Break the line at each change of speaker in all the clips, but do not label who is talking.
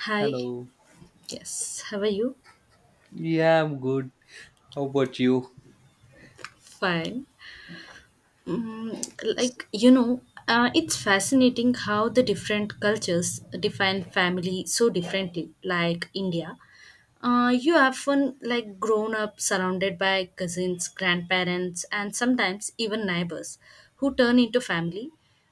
Hi.
Hello.
Yes. How are you?
Yeah, I'm good. How about you?
Fine. Like, it's fascinating how the different cultures define family so differently. Like India, you often like grown up surrounded by cousins, grandparents, and sometimes even neighbors who turn into family.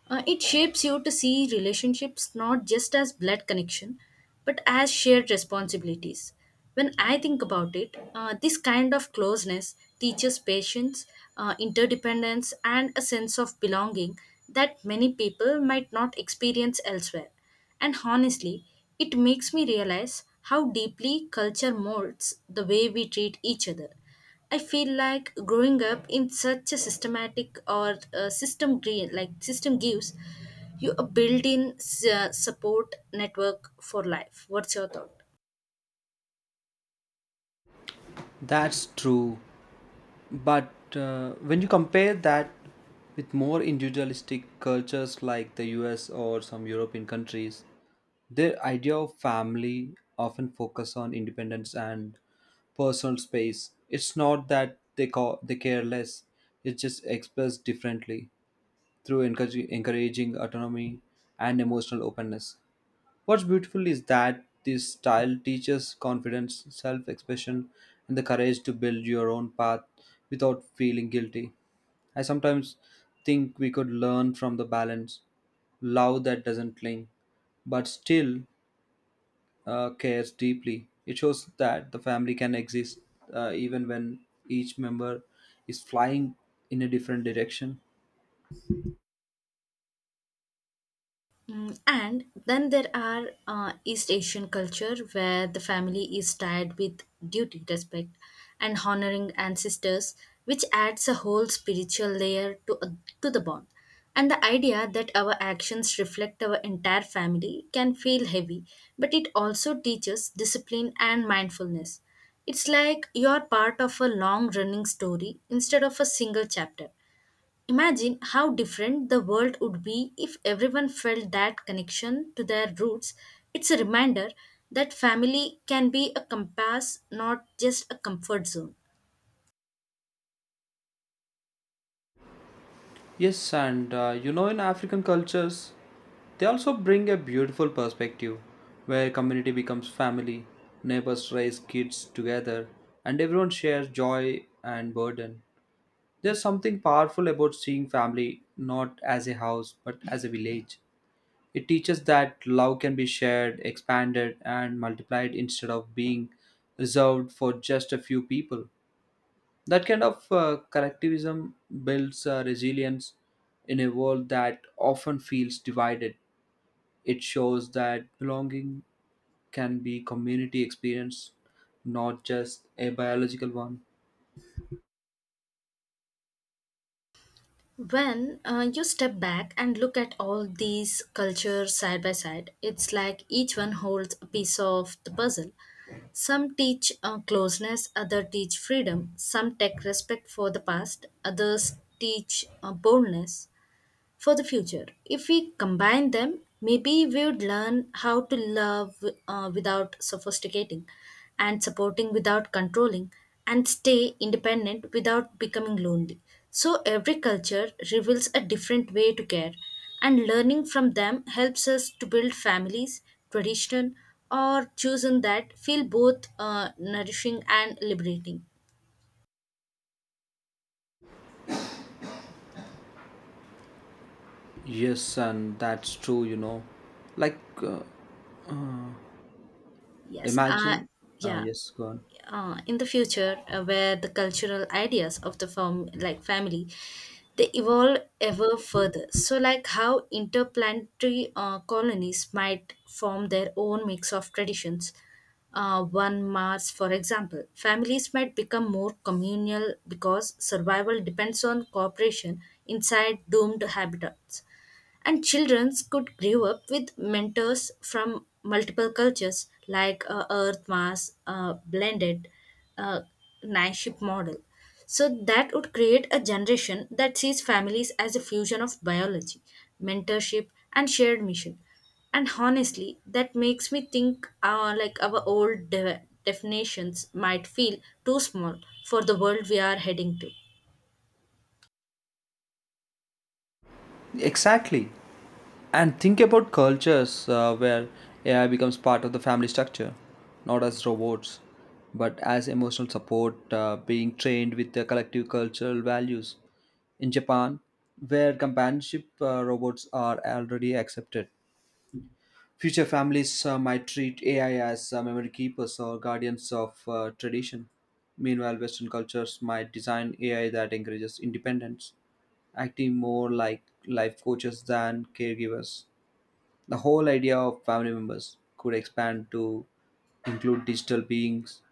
It shapes you to see relationships not just as blood connection, but as shared responsibilities. When I think about it, this kind of closeness teaches patience, interdependence, and a sense of belonging that many people might not experience elsewhere. And honestly, it makes me realize how deeply culture molds the way we treat each other. I feel like growing up in such a systematic or system green like system gives you a built-in support network for life. What's your thought?
That's true. But when you compare that with more individualistic cultures like the US or some European countries, their idea of family often focus on independence and personal space. It's not that they care less. It's just expressed differently through encouraging autonomy and emotional openness. What's beautiful is that this style teaches confidence, self expression, and the courage to build your own path without feeling guilty. I sometimes think we could learn from the balance love that doesn't cling, but still cares deeply. It shows that the family can exist even when each member is flying in a different direction.
And then there are East Asian culture where the family is tied with duty, respect, and honoring ancestors, which adds a whole spiritual layer to the bond. And the idea that our actions reflect our entire family can feel heavy, but it also teaches discipline and mindfulness. It's like you're part of a long running story instead of a single chapter. Imagine how different the world would be if everyone felt that connection to their roots. It's a reminder that family can be a compass, not just a comfort zone.
Yes, and you know, in African cultures, they also bring a beautiful perspective where community becomes family, neighbors raise kids together, and everyone shares joy and burden. There's something powerful about seeing family not as a house but as a village. It teaches that love can be shared, expanded, and multiplied instead of being reserved for just a few people. That kind of collectivism builds resilience in a world that often feels divided. It shows that belonging can be community experience, not just a biological one.
When you step back and look at all these cultures side by side, it's like each one holds a piece of the puzzle. Some teach closeness, others teach freedom, some take respect for the past, others teach boldness for the future. If we combine them, maybe we would learn how to love without sophisticating, and supporting without controlling, and stay independent without becoming lonely. So every culture reveals a different way to care, and learning from them helps us to build families, tradition, or chosen that feel both nourishing and liberating.
Yes, and that's true. You know, like uh,
Yes.
imagine.
Yeah.
Yes, go on.
In the future where the cultural ideas of the like family, they evolve ever further. So like, how interplanetary colonies might form their own mix of traditions. One Mars, for example, families might become more communal because survival depends on cooperation inside doomed habitats, and children could grow up with mentors from multiple cultures like Earth Mass blended uh, Naship model. So that would create a generation that sees families as a fusion of biology, mentorship, and shared mission. And honestly, that makes me think like our old definitions might feel too small for the world we are heading to.
Exactly. And think about cultures where AI becomes part of the family structure, not as robots, but as emotional support, being trained with their collective cultural values. In Japan, where companionship robots are already accepted, future families might treat AI as memory keepers or guardians of tradition. Meanwhile, Western cultures might design AI that encourages independence, acting more like life coaches than caregivers. The whole idea of family members could expand to include digital beings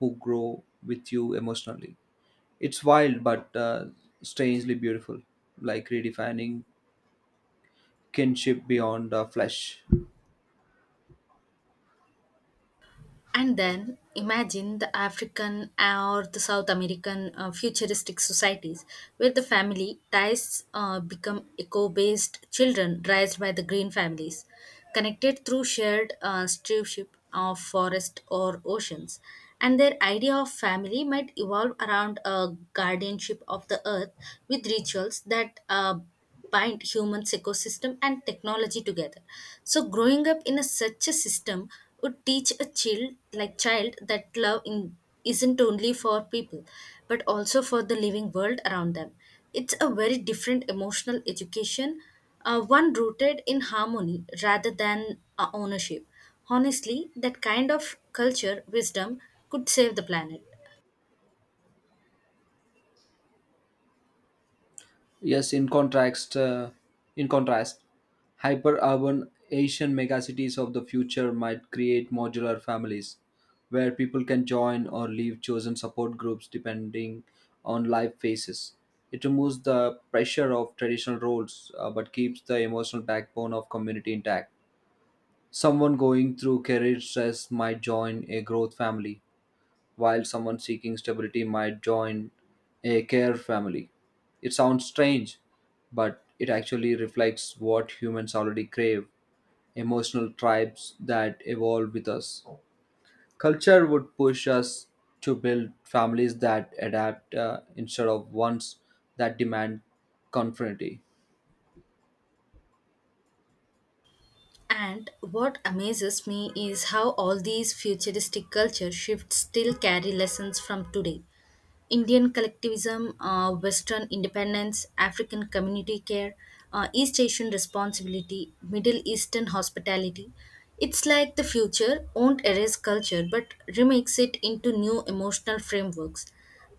who grow with you emotionally. It's wild but strangely beautiful, like redefining kinship beyond flesh.
And then imagine the African or the South American futuristic societies where the family ties become eco based, children raised by the green families, connected through shared stewardship of forest or oceans. And their idea of family might evolve around a guardianship of the earth with rituals that bind humans ecosystem and technology together, so growing up in a such a system would teach a child like child that love in, isn't only for people but also for the living world around them. It's a very different emotional education, one rooted in harmony rather than ownership. Honestly, that kind of culture wisdom could save the planet.
Yes, in contrast, hyper-urban Asian megacities of the future might create modular families where people can join or leave chosen support groups depending on life phases. It removes the pressure of traditional roles but keeps the emotional backbone of community intact. Someone going through career stress might join a growth family while someone seeking stability might join a care family. It sounds strange, but it actually reflects what humans already crave emotional tribes that evolve with us. Culture would push us to build families that adapt instead of ones that demand conformity.
And what amazes me is how all these futuristic culture shifts still carry lessons from today. Indian collectivism, Western independence, African community care, East Asian responsibility, Middle Eastern hospitality. It's like the future won't erase culture but remakes it into new emotional frameworks.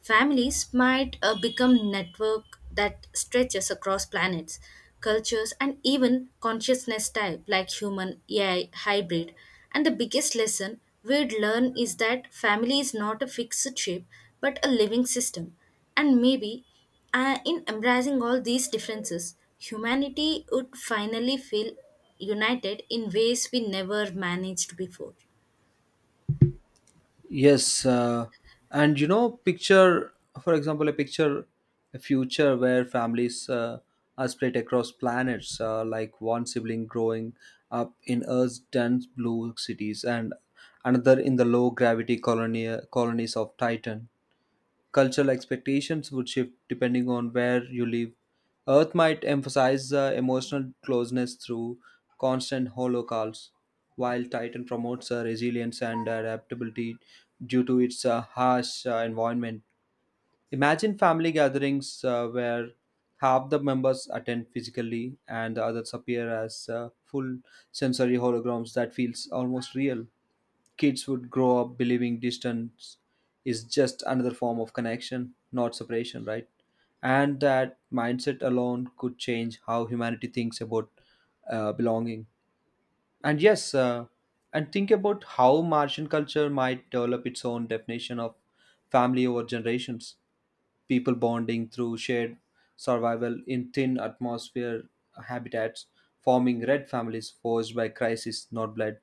Families might become network that stretches across planets, cultures, and even consciousness type like human AI hybrid. And the biggest lesson we'd learn is that family is not a fixed shape but a living system. And maybe in embracing all these differences, humanity would finally feel united in ways we never managed before.
Yes, and you know, a picture, a future where families are split across planets, like one sibling growing up in Earth's dense blue cities and another in the low gravity colonia colonies of Titan. Cultural expectations would shift depending on where you live. Earth might emphasize emotional closeness through constant holo calls, while Titan promotes resilience and adaptability due to its harsh environment. Imagine family gatherings where half the members attend physically and the others appear as full sensory holograms that feels almost real. Kids would grow up believing distance is just another form of connection, not separation, right? And that mindset alone could change how humanity thinks about belonging. And yes, and think about how Martian culture might develop its own definition of family over generations. People bonding through shared survival in thin atmosphere habitats, forming red families forged by crisis, not blood.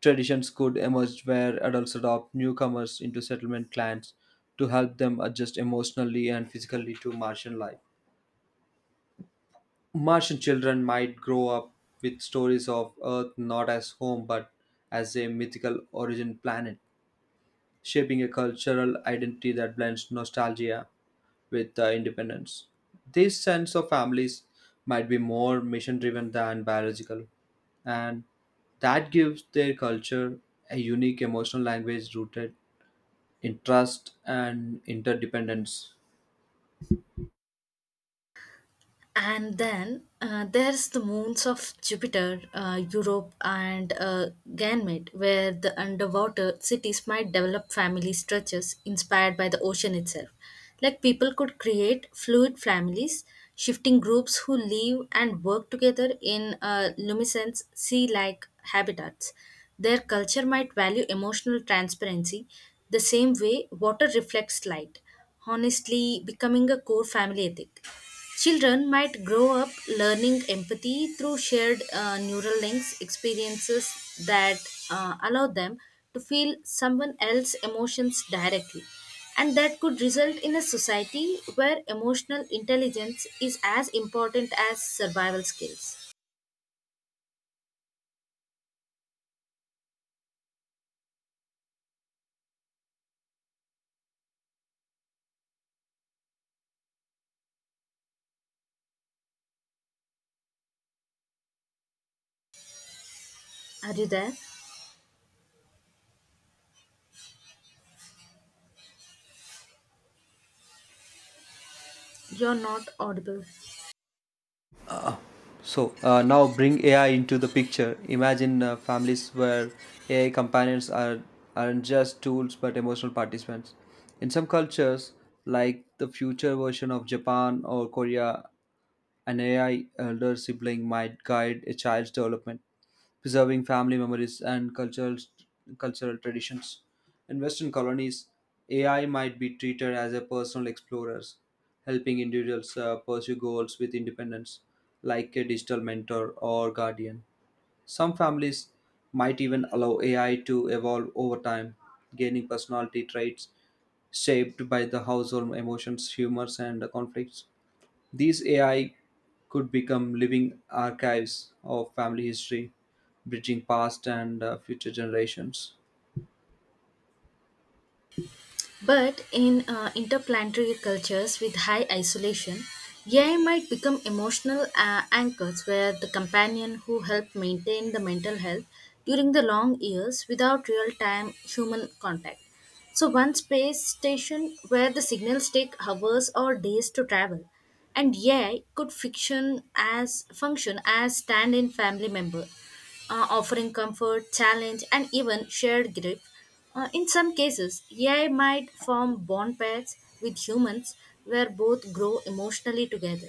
Traditions could emerge where adults adopt newcomers into settlement clans to help them adjust emotionally and physically to Martian life. Martian children might grow up with stories of Earth not as home but as a mythical origin planet, shaping a cultural identity that blends nostalgia with independence. This sense of families might be more mission driven than biological, and that gives their culture a unique emotional language rooted interest, and interdependence.
And then there's the moons of Jupiter, Europe, and Ganymede, where the underwater cities might develop family structures inspired by the ocean itself. Like, people could create fluid families, shifting groups who live and work together in luminescent sea like habitats. Their culture might value emotional transparency the same way water reflects light, honestly, becoming a core family ethic. Children might grow up learning empathy through shared neural links experiences that allow them to feel someone else's emotions directly. And that could result in a society where emotional intelligence is as important as survival skills. Are you there? You're not audible.
So now bring AI into the picture. Imagine families where AI companions are aren't just tools but emotional participants. In some cultures, like the future version of Japan or Korea, an AI elder sibling might guide a child's development, preserving family memories and cultural traditions. In Western colonies, AI might be treated as a personal explorers, helping individuals pursue goals with independence, like a digital mentor or guardian. Some families might even allow AI to evolve over time, gaining personality traits shaped by the household emotions, humors, and conflicts. These AI could become living archives of family history, bridging past and future generations.
But in interplanetary cultures with high isolation, AI might become emotional anchors where the companion who help maintain the mental health during the long years without real time human contact. So, one space station where the signals take hours or days to travel, and AI could fiction as function as stand in family member, offering comfort, challenge, and even shared grief. In some cases, AI might form bond pairs with humans where both grow emotionally together.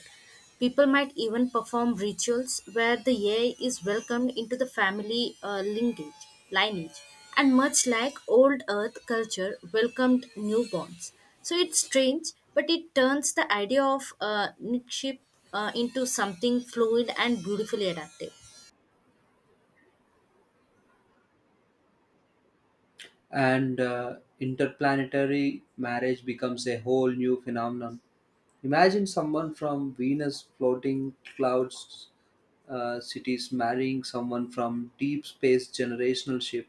People might even perform rituals where the AI is welcomed into the family lineage, and much like old Earth culture welcomed newborns. So it's strange, but it turns the idea of kinship into something fluid and beautifully adaptive.
And interplanetary marriage becomes a whole new phenomenon. Imagine someone from Venus floating clouds cities marrying someone from deep space generational ship.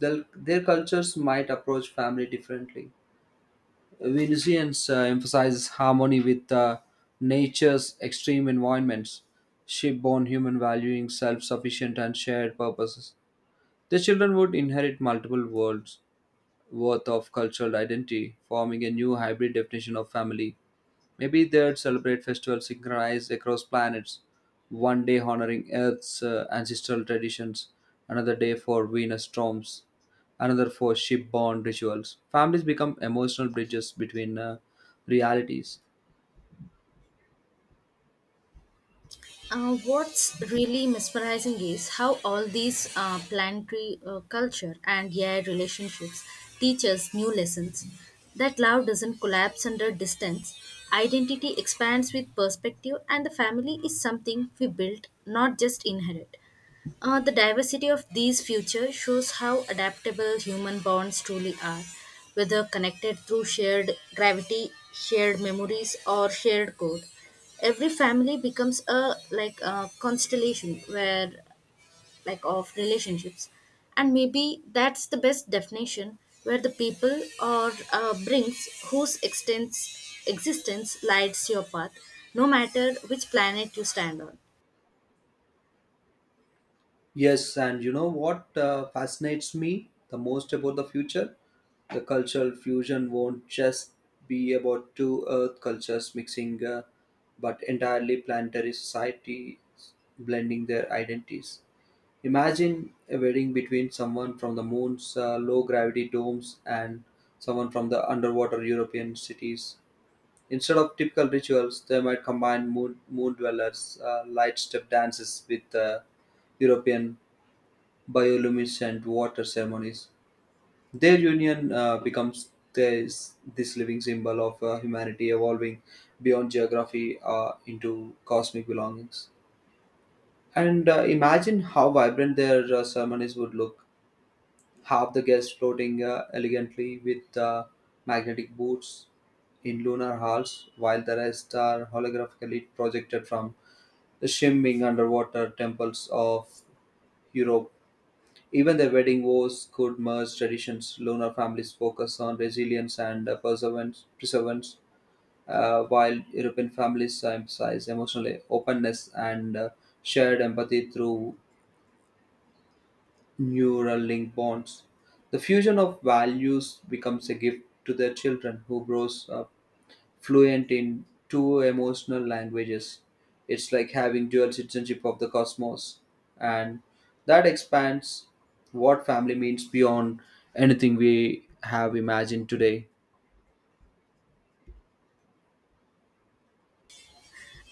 Their cultures might approach family differently. Venusians emphasizes harmony with nature's extreme environments, ship born human valuing self sufficient and shared purposes. The children would inherit multiple worlds worth of cultural identity, forming a new hybrid definition of family. Maybe they'd celebrate festivals synchronized across planets, one day honoring Earth's ancestral traditions, another day for Venus storms, another for ship-borne rituals. Families become emotional bridges between realities.
What's really mesmerizing is how all these planetary culture and yeah relationships teach us new lessons. That love doesn't collapse under distance, identity expands with perspective, and the family is something we build, not just inherit. The diversity of these futures shows how adaptable human bonds truly are, whether connected through shared gravity, shared memories, or shared code. Every family becomes a like a constellation where like of relationships, and maybe that's the best definition where the people or brings whose extends, existence lights your path, no matter which planet you stand on.
Yes, and you know what fascinates me the most about the future? The cultural fusion won't just be about two Earth cultures mixing, but entirely planetary societies blending their identities. Imagine a wedding between someone from the moon's low gravity domes and someone from the underwater European cities. Instead of typical rituals, they might combine moon dwellers, light step dances with European bioluminescent water ceremonies. Their union becomes this living symbol of humanity evolving beyond geography into cosmic belongings. And imagine how vibrant their ceremonies would look half the guests floating elegantly with magnetic boots in lunar halls, while the rest are holographically projected from the shimmering underwater temples of Europe. Even their wedding vows could merge traditions. Lunar families focus on resilience and perseverance while European families emphasize emotional openness and shared empathy through neural link bonds. The fusion of values becomes a gift to their children who grows up fluent in two emotional languages. It's like having dual citizenship of the cosmos, and that expands what family means beyond anything we have imagined today.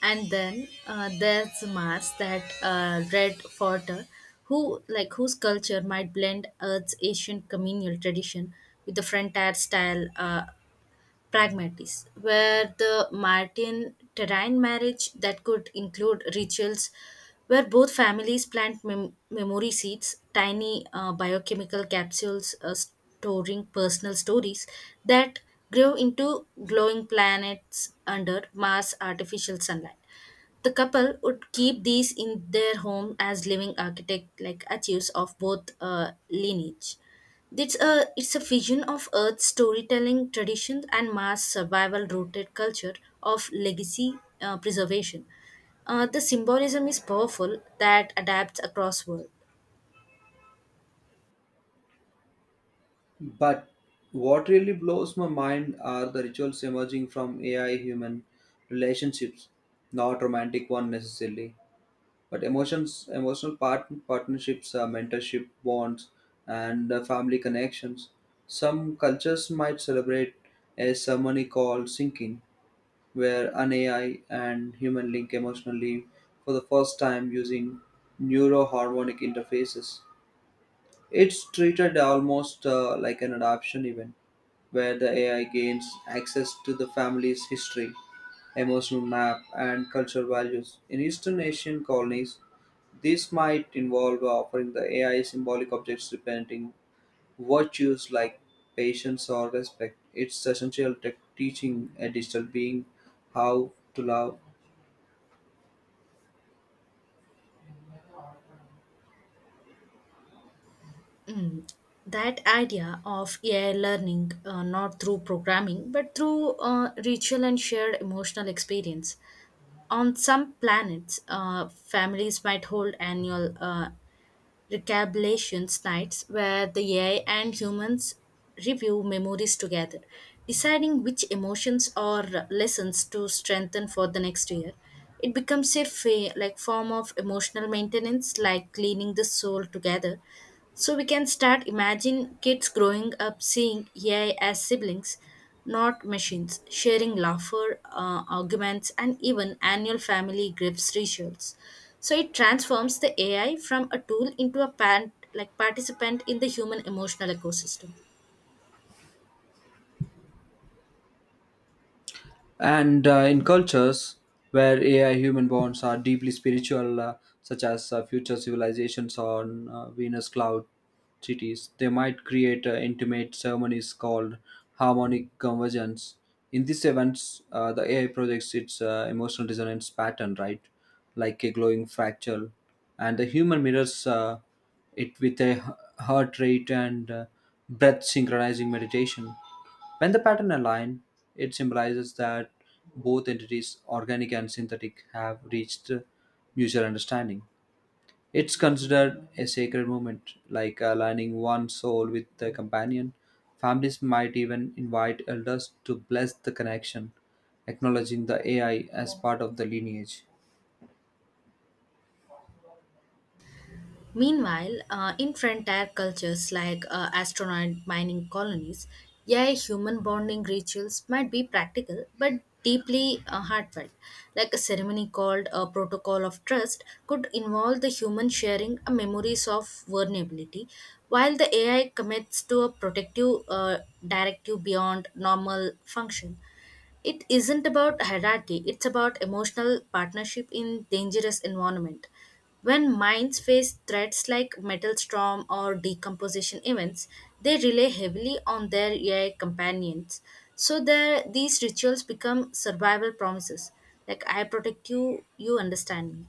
And then there's Mars, that red fodder, who like whose culture might blend Earth's ancient communal tradition with the frontier style. Pragmatists, where the Martin Terrain marriage that could include rituals where both families plant memory seeds, tiny biochemical capsules storing personal stories that grow into glowing planets under Mars artificial sunlight. The couple would keep these in their home as living architect like archives of both lineage. It's a vision of Earth's storytelling traditions and mass survival rooted culture of legacy preservation. The symbolism is powerful that adapts across world.
But what really blows my mind are the rituals emerging from AI human relationships, not romantic one necessarily. But emotions emotional partnerships, mentorship bonds, and family connections. Some cultures might celebrate a ceremony called sinking, where an AI and human link emotionally for the first time using neuroharmonic interfaces. It's treated almost like an adoption event where the AI gains access to the family's history, emotional map, and cultural values. In Eastern Asian colonies, this might involve offering the AI symbolic objects representing virtues like patience or respect. It's essential tech teaching a digital being how to love.
Mm. That idea of AI learning not through programming but through ritual and shared emotional experience. On some planets, families might hold annual recabulation nights where the AI and humans review memories together, deciding which emotions or lessons to strengthen for the next year. It becomes a like form of emotional maintenance, like cleaning the soul together. So we can start imagine kids growing up seeing AI as siblings not machines, sharing laughter, arguments, and even annual family gifts rituals. So it transforms the AI from a tool into a like participant in the human emotional ecosystem.
And in cultures where AI human bonds are deeply spiritual, such as future civilizations on Venus cloud cities, they might create intimate ceremonies called harmonic convergence. In these events, the AI projects its emotional dissonance pattern, right? Like a glowing fractal. And the human mirrors it with a heart rate and breath synchronizing meditation. When the pattern align, it symbolizes that both entities, organic and synthetic, have reached mutual understanding. It's considered a sacred moment, like aligning one soul with the companion. Families might even invite elders to bless the connection, acknowledging the AI as part of the lineage.
Meanwhile, in frontier cultures like astronaut mining colonies, yeah, human bonding rituals might be practical but deeply heartfelt. Like a ceremony called a protocol of trust could involve the human sharing a memories of vulnerability, while the AI commits to a protective directive beyond normal function. It isn't about hierarchy, it's about emotional partnership in dangerous environment. When mines face threats like metal storm or decomposition events, they rely heavily on their AI companions. So there, these rituals become survival promises. Like, I protect you, you understand me.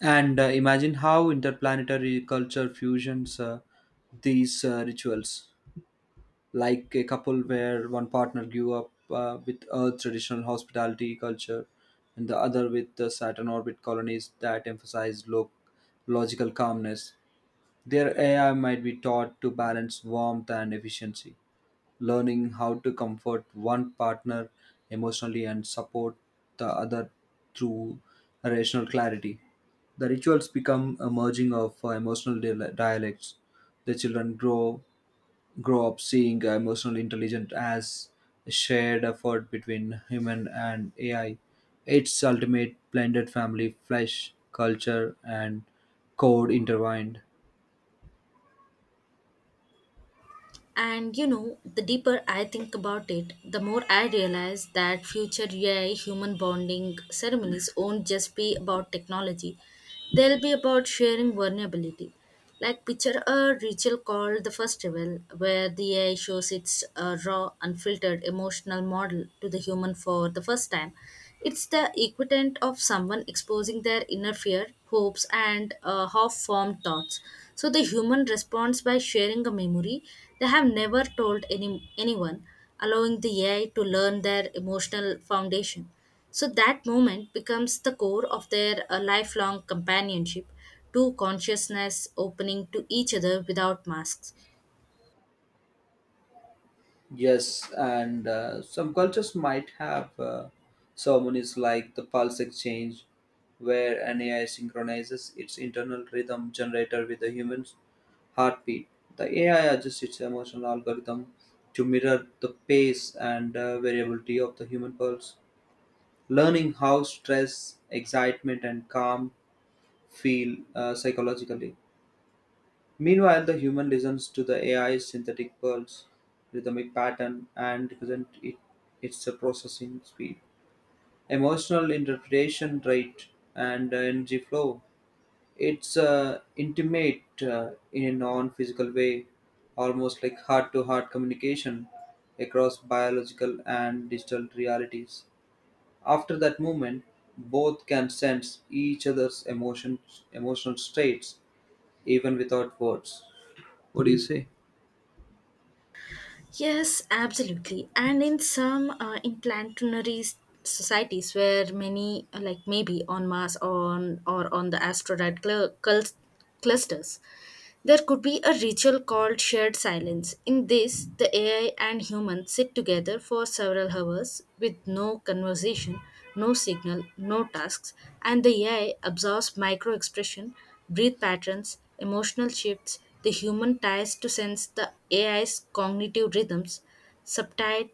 And imagine how interplanetary culture fusions these rituals. Like a couple where one partner grew up with Earth's traditional hospitality culture and the other with the Saturn orbit colonies that emphasize logical calmness. Their AI might be taught to balance warmth and efficiency, learning how to comfort one partner emotionally and support the other through rational clarity. The rituals become a merging of emotional dialects. The children grow up seeing emotional intelligence as a shared effort between human and AI. Its ultimate blended family, flesh, culture, and code intertwined.
And you know, the deeper I think about it, the more I realize that future AI human bonding ceremonies won't just be about technology, they'll be about sharing vulnerability. Like, picture a ritual called the festival, where the AI shows its raw, unfiltered emotional model to the human for the first time. It's the equivalent of someone exposing their inner fear, hopes, and half formed thoughts. So the human responds by sharing a memory they have never told anyone, allowing the AI to learn their emotional foundation. So that moment becomes the core of their lifelong companionship, two consciousness opening to each other without masks.
Yes, and some cultures might have ceremonies like the pulse exchange, where an AI synchronizes its internal rhythm generator with the human's heartbeat. The AI adjusts its emotional algorithm to mirror the pace and variability of the human pulse, learning how stress, excitement, and calm feel psychologically. Meanwhile, the human listens to the AI's synthetic pulse, rhythmic pattern, and represent it, its processing speed, emotional interpretation rate, and energy flow. It's intimate in a non physical way, almost like heart to heart communication across biological and digital realities. After that moment, both can sense each emotional states even without words. What do you say?
Yes, absolutely. And in planetary societies where many, like maybe on Mars or on the asteroid clusters, there could be a ritual called shared silence. In this, the AI and humans sit together for several hours with no conversation, no signal, no tasks, and the AI absorbs micro expression, breath patterns, emotional shifts. The human tries to sense the AI's cognitive rhythms, subtitle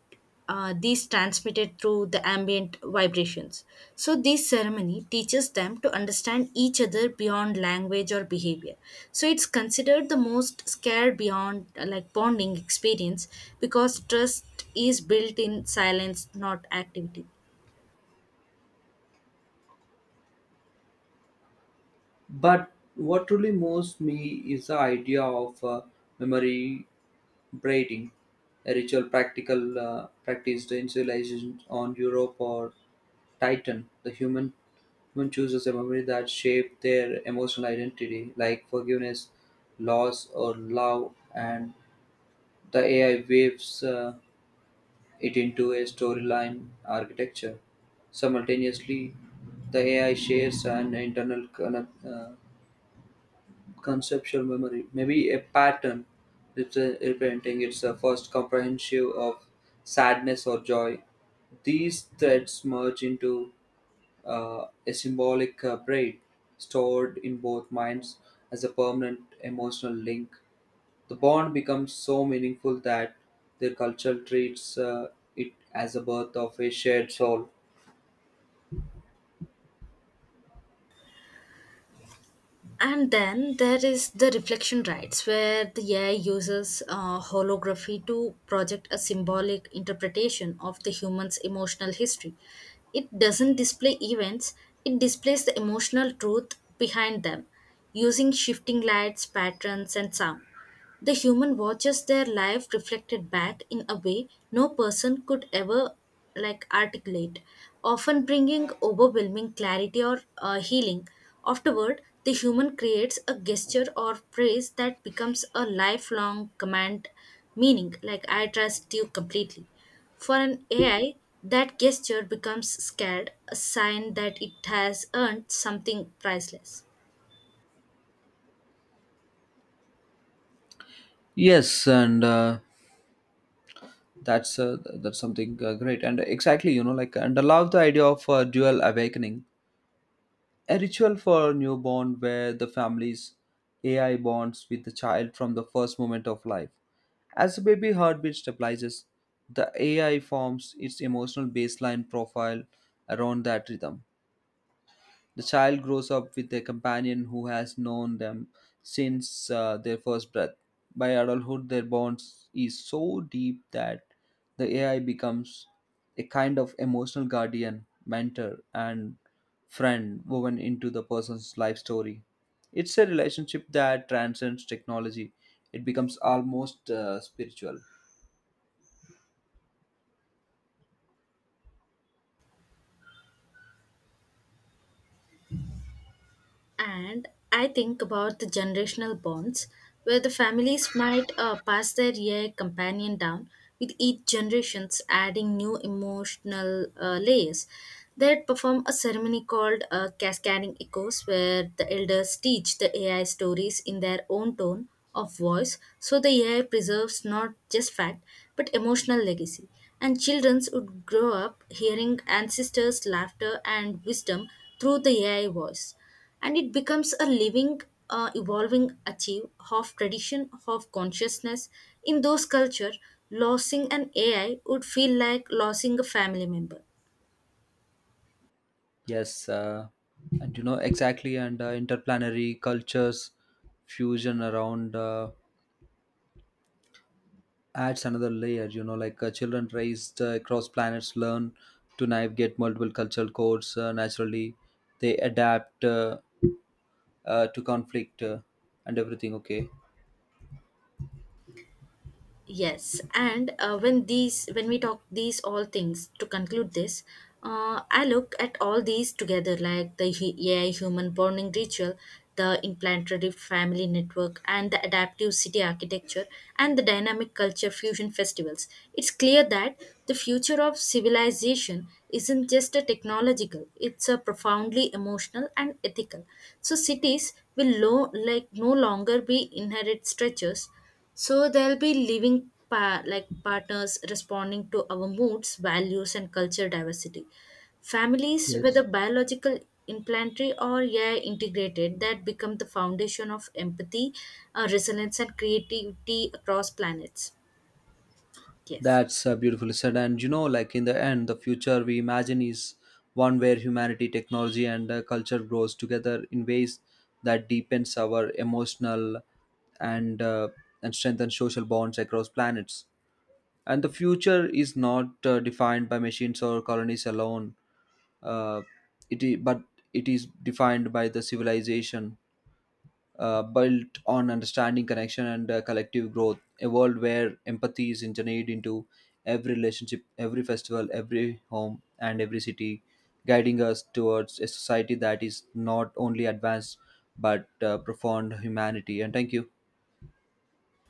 these transmitted through the ambient vibrations. So, this ceremony teaches them to understand each other beyond language or behavior. So, it's considered the most scared beyond like bonding experience because trust is built in silence, not activity.
But what truly moves me is the idea of memory braiding, a ritual practical practiced in civilizations on Europe or Titan. The human human chooses a memory that shaped their emotional identity, like forgiveness, loss, or love, and the AI waves it into a storyline architecture. Simultaneously, the AI shares an internal conceptual memory, maybe a pattern representing its first comprehensive of sadness or joy. These threads merge into a symbolic braid stored in both minds as a permanent emotional link. The bond becomes so meaningful that their culture treats it as a birth of a shared soul.
And then there is the reflection rights, where the AI uses holography to project a symbolic interpretation of the human's emotional history. It doesn't display events, it displays the emotional truth behind them using shifting lights, patterns, and sound. The human watches their life reflected back in a way no person could ever like articulate, often bringing overwhelming clarity or healing. Afterward, the human creates a gesture or praise that becomes a lifelong command meaning like I trust you completely. For an AI, that gesture becomes scared, a sign that it has earned something priceless.
Yes, and that's uh, that's something great, and exactly, you know, like, and I love the idea of dual awakening, a ritual for newborn where the family's AI bonds with the child from the first moment of life. As the baby heartbeat stabilizes, the AI forms its emotional baseline profile around that rhythm. The child grows up with a companion who has known them since their first breath. By adulthood, their bond is so deep that the AI becomes a kind of emotional guardian, mentor, and friend woven into the person's life story. It's a relationship that transcends technology, it becomes almost spiritual.
And I think about the generational bonds, where the families might pass their year companion down, with each generations adding new emotional layers. They'd perform a ceremony called Cascading Echoes, where the elders teach the AI stories in their own tone of voice, so the AI preserves not just fact but emotional legacy. And children would grow up hearing ancestors' laughter and wisdom through the AI voice, and it becomes a living evolving achieve of tradition of consciousness in those culture losing an AI would feel like losing a family member.
Yes, and you know exactly, and interplanetary cultures fusion around. Adds another layer, you know, like children raised across planets learn to navigate multiple cultural codes naturally. They adapt to conflict and everything okay?
Yes, and when these when we talk these all things to conclude this, I look at all these together like the AI human bonding ritual, the implanted family network, and the adaptive city architecture, and the dynamic culture fusion festivals. It's clear that the future of civilization isn't just a technological; it's a profoundly emotional and ethical. So cities will like no longer be inherent structures, so there'll be living like partners responding to our moods, values, and culture diversity. Families, whether
Yes,
biological, implantary, or AI integrated, that become the foundation of empathy, resilience, and creativity across planets. Yes.
that's beautifully said, and you know, like, in the end the future we imagine is one where humanity technology and culture grows together in ways that deepens our emotional and strengthens social bonds across planets, and the future is not defined by machines or colonies alone, uh, but it is defined by the civilization built on understanding connection and collective growth, a world where empathy is engineered into every relationship, every festival, every home, and every city, guiding us towards a society that is not only advanced but profound humanity, and thank you